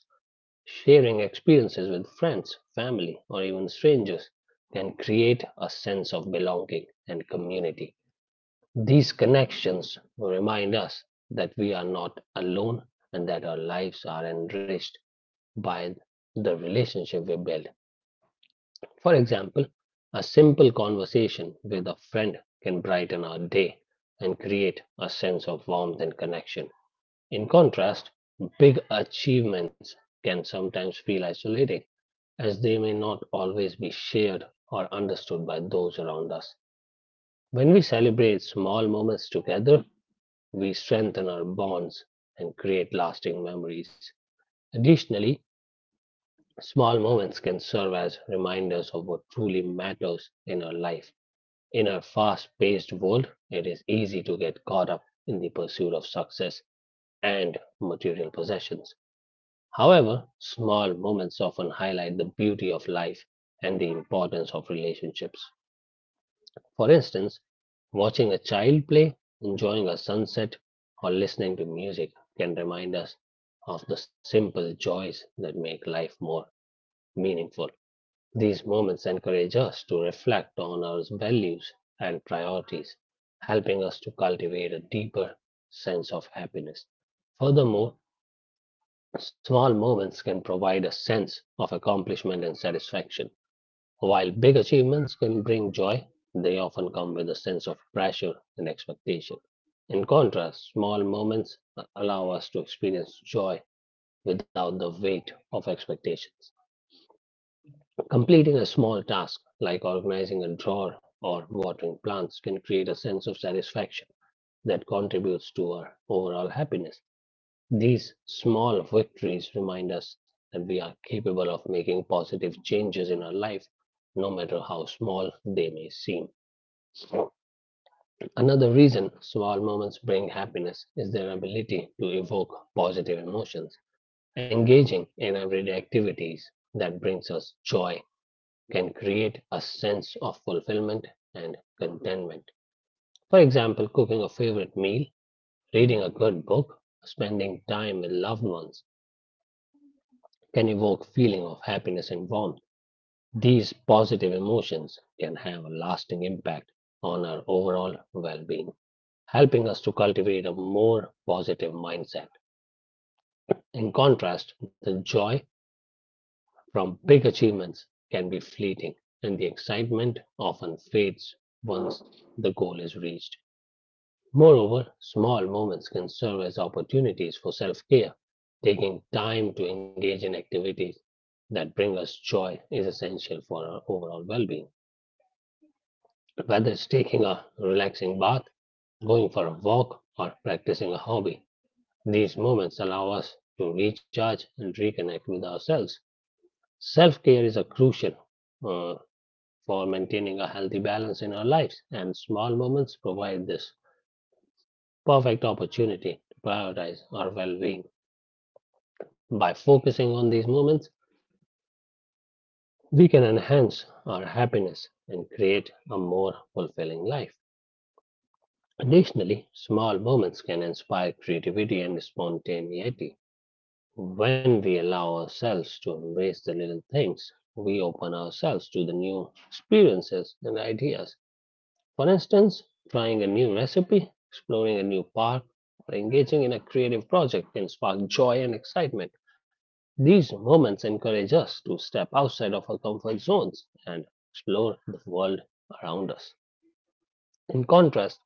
S1: Sharing experiences with friends, family, or even strangers can create a sense of belonging and community. These connections remind us that we are not alone and that our lives are enriched by the relationship we build. For example, a simple conversation with a friend can brighten our day and create a sense of warmth and connection. In contrast, big achievements can sometimes feel isolating, as they may not always be shared or understood by those around us. When we celebrate small moments together, we strengthen our bonds and create lasting memories. Additionally, small moments can serve as reminders of what truly matters in our life. In our fast paced world, it is easy to get caught up in the pursuit of success and material possessions. However, small moments often highlight the beauty of life and the importance of relationships. For instance, watching a child play, enjoying a sunset, or listening to music can remind us of the simple joys that make life more meaningful. These moments encourage us to reflect on our values and priorities, helping us to cultivate a deeper sense of happiness. Furthermore, small moments can provide a sense of accomplishment and satisfaction, while big achievements can bring joy. They often come with a sense of pressure and expectation. In contrast, small moments allow us to experience joy without the weight of expectations. Completing a small task, like organizing a drawer or watering plants, can create a sense of satisfaction that contributes to our overall happiness. These small victories remind us that we are capable of making positive changes in our life, no matter how small they may seem. Another reason small moments bring happiness is their ability to evoke positive emotions. Engaging in everyday activities that brings us joy can create a sense of fulfillment and contentment. For example, cooking a favorite meal, reading a good book, spending time with loved ones can evoke feeling of happiness and warmth. These positive emotions can have a lasting impact on our overall well-being, helping us to cultivate a more positive mindset. In contrast, the joy from big achievements can be fleeting and the excitement often fades once the goal is reached. Moreover, small moments can serve as opportunities for self care. Taking time to engage in activities that bring us joy is essential for our overall well being. Whether it's taking a relaxing bath, going for a walk, or practicing a hobby, these moments allow us to recharge and reconnect with ourselves. Self care is a crucial uh, for maintaining a healthy balance in our lives, and small moments provide this perfect opportunity to prioritize our well being. By focusing on these moments, we can enhance our happiness and create a more fulfilling life. Additionally, small moments can inspire creativity and spontaneity. When we allow ourselves to embrace the little things, we open ourselves to the new experiences and ideas. For instance, trying a new recipe, exploring a new park, or engaging in a creative project can spark joy and excitement. These moments encourage us to step outside of our comfort zones and explore the world around us. In contrast,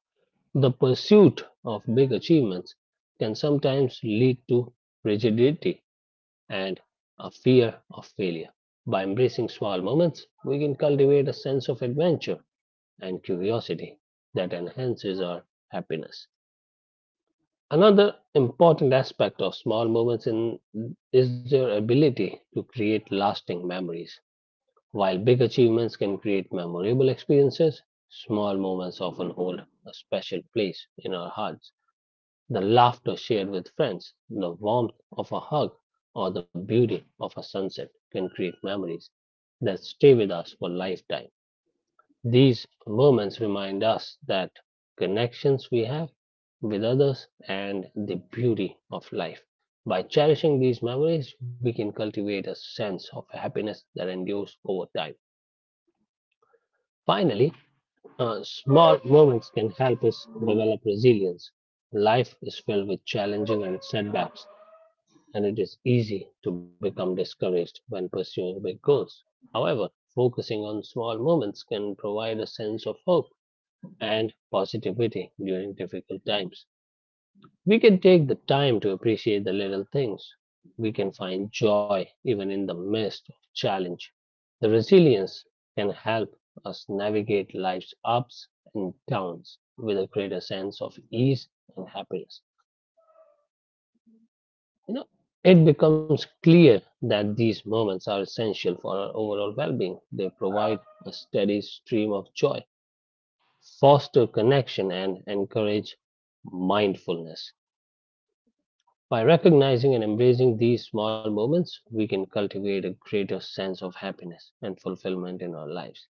S1: the pursuit of big achievements can sometimes lead to rigidity and a fear of failure. By embracing small moments, we can cultivate a sense of adventure and curiosity that enhances our happiness. Another important aspect of small is their ability to create lasting memories. While big achievements can create memorable experiences, small moments often hold a special place in our hearts. The laughter shared with friends, the warmth of a hug, or the beauty of a sunset can create memories that stay with us for lifetime. These moments remind us that connections we have with others and the beauty of life. By cherishing these memories, we can cultivate a sense of happiness that endures over time. Finally, small moments can help us develop resilience. Life is filled with challenges and setbacks, and it is easy to become discouraged when pursuing big goals. However, focusing on small moments can provide a sense of hope and positivity during difficult times. We can take the time to appreciate the little things. We can find joy even in the midst of challenge. The resilience can help us navigate life's ups and downs with a greater sense of ease and happiness. You know, it becomes clear that these moments are essential for our overall well being. They provide a steady stream of joy, foster connection, and encourage mindfulness. By recognizing and embracing these small moments, we can cultivate a greater sense of happiness and fulfillment in our lives.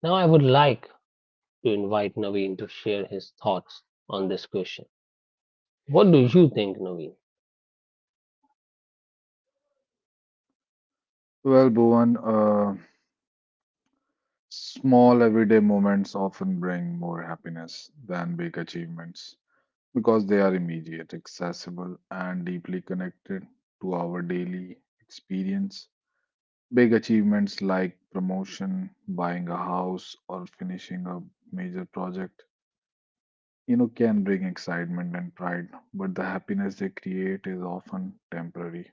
S1: Now, I would like to invite Naveen to share his thoughts on this question. What do you think, Naveen?
S2: Well, Bhuvan, small everyday moments often bring more happiness than big achievements because they are immediate, accessible, and deeply connected to our daily experience. Big achievements like promotion, buying a house, or finishing a major project, can bring excitement and pride, but the happiness they create is often temporary.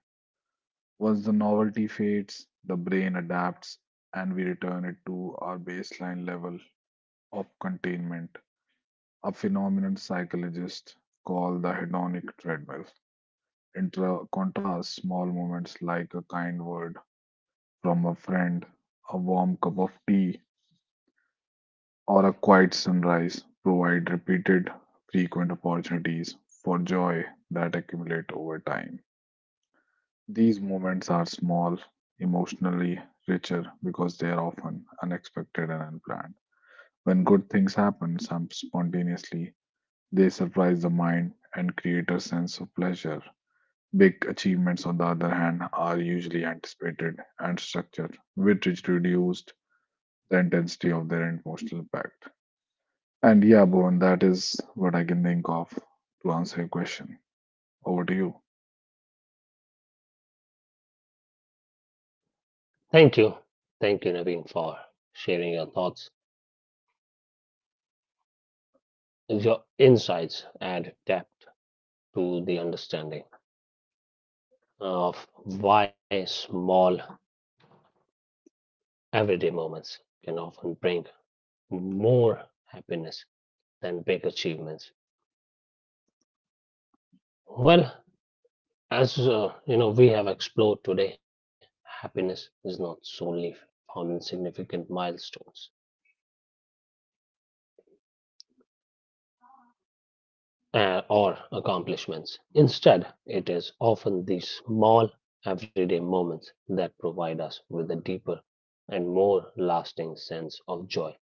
S2: Once the novelty fades, the brain adapts and we return it to our baseline level of containment, a phenomenon psychologists call the hedonic treadmill. In contrast, small moments like a kind word from a friend, a warm cup of tea, or a quiet sunrise provide repeated, frequent opportunities for joy that accumulate over time. These moments are small, emotionally richer because they are often unexpected and unplanned. When good things happen some spontaneously, they surprise the mind and create a sense of pleasure. Big achievements, on the other hand, are usually anticipated and structured, which reduced the intensity of their emotional impact. And yeah, Bhuvan, that is what I can think of to answer your question. Over to you.
S1: Thank you. Thank you, Naveen, for sharing your thoughts. Your insights add depth to the understanding of why small everyday moments can often bring more happiness than big achievements. Well, as we have explored today, happiness is not solely found in significant milestones or accomplishments. Instead, it is often these small, everyday moments that provide us with a deeper and more lasting sense of joy.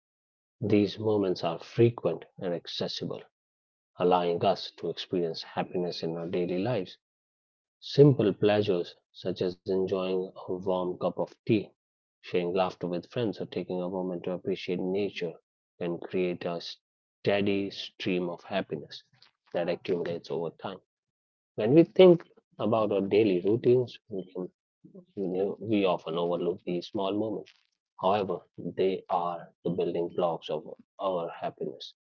S1: These moments are frequent and accessible, allowing us to experience happiness in our daily lives. Simple pleasures such as enjoying a warm cup of tea, sharing laughter with friends, or taking a moment to appreciate nature can create a steady stream of happiness that accumulates over time. When we think about our daily routines, we, can, we, know- we often overlook these small moments. However, they are the building blocks of our happiness.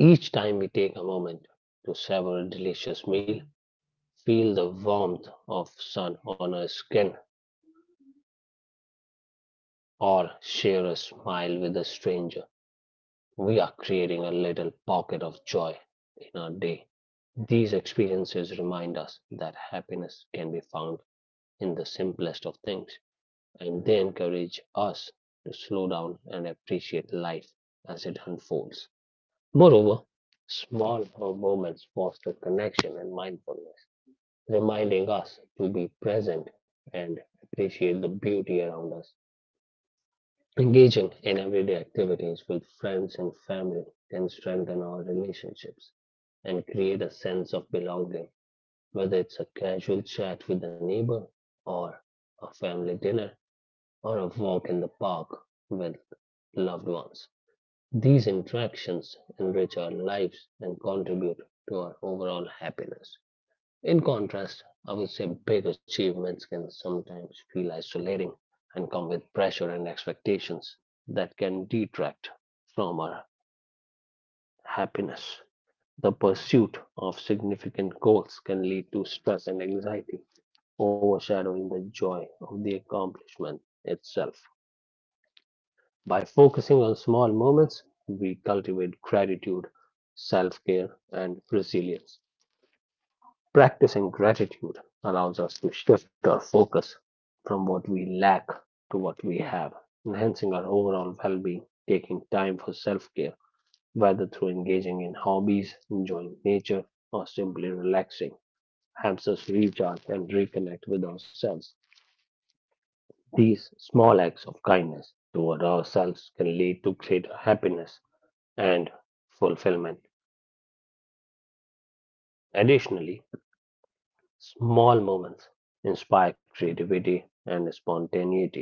S1: Each time we take a moment to savor a delicious meal, feel the warmth of sun on our skin, or share a smile with a stranger, we are creating a little pocket of joy in our day. These experiences remind us that happiness can be found in the simplest of things, and they encourage us to slow down and appreciate life as it unfolds. Moreover, small moments foster connection and mindfulness, reminding us to be present and appreciate the beauty around us. Engaging in everyday activities with friends and family can strengthen our relationships and create a sense of belonging, whether it's a casual chat with a neighbor, or a family dinner, or a walk in the park with loved ones. These interactions enrich our lives and contribute to our overall happiness. In contrast, I would say big achievements can sometimes feel isolating and come with pressure and expectations that can detract from our happiness. The pursuit of significant goals can lead to stress and anxiety, overshadowing the joy of the accomplishment itself. By focusing on small moments, we cultivate gratitude, self care, and resilience. Practicing gratitude allows us to shift our focus from what we lack to what we have, enhancing our overall well being, taking time for self care, whether through engaging in hobbies, enjoying nature, or simply relaxing, helps us recharge and reconnect with ourselves. These small acts of kindness toward ourselves can lead to greater happiness and fulfillment. Additionally, small moments inspire creativity and spontaneity.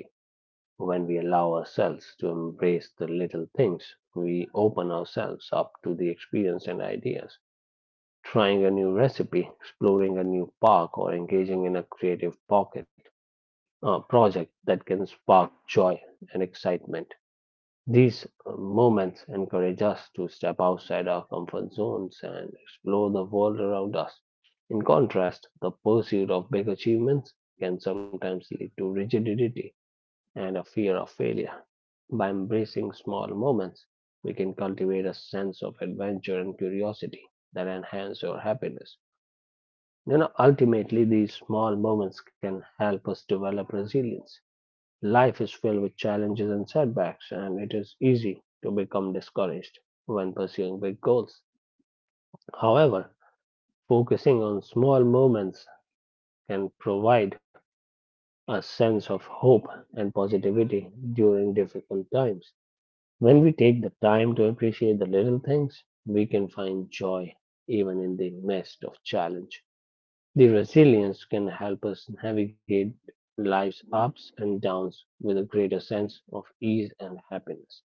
S1: When we allow ourselves to embrace the little things, we open ourselves up to the experience and ideas. Trying a new recipe, exploring a new park, or engaging in a creative pocket project that can spark joy and excitement. These moments encourage us to step outside our comfort zones and explore the world around us. In contrast, the pursuit of big achievements can sometimes lead to rigidity and a fear of failure. By embracing small moments, we can cultivate a sense of adventure and curiosity that enhance your happiness. Ultimately, these small moments can help us develop resilience. Life is filled with challenges and setbacks, and it is easy to become discouraged when pursuing big goals. However, focusing on small moments can provide a sense of hope and positivity during difficult times. When we take the time to appreciate the little things, we can find joy even in the midst of challenge. The resilience can help us navigate life's ups and downs with a greater sense of ease and happiness.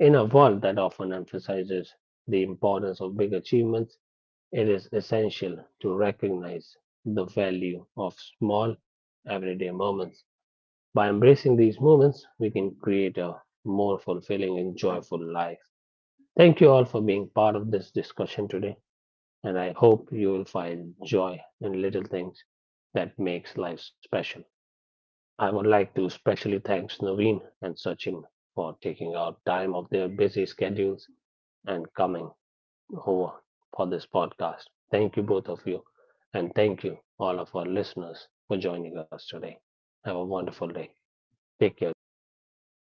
S1: In a world that often emphasizes the importance of big achievements, it is essential to recognize the value of small, everyday moments. By embracing these moments, we can create a more fulfilling and joyful life. Thank you all for being part of this discussion today, and I hope you will find joy in little things that makes life special. I would like to specially thank Naveen and Sachin for taking out time of their busy schedules and coming over for this podcast. Thank you both of you, and thank you all of our listeners for joining us today. Have a wonderful day. Take care, guys. Until next time.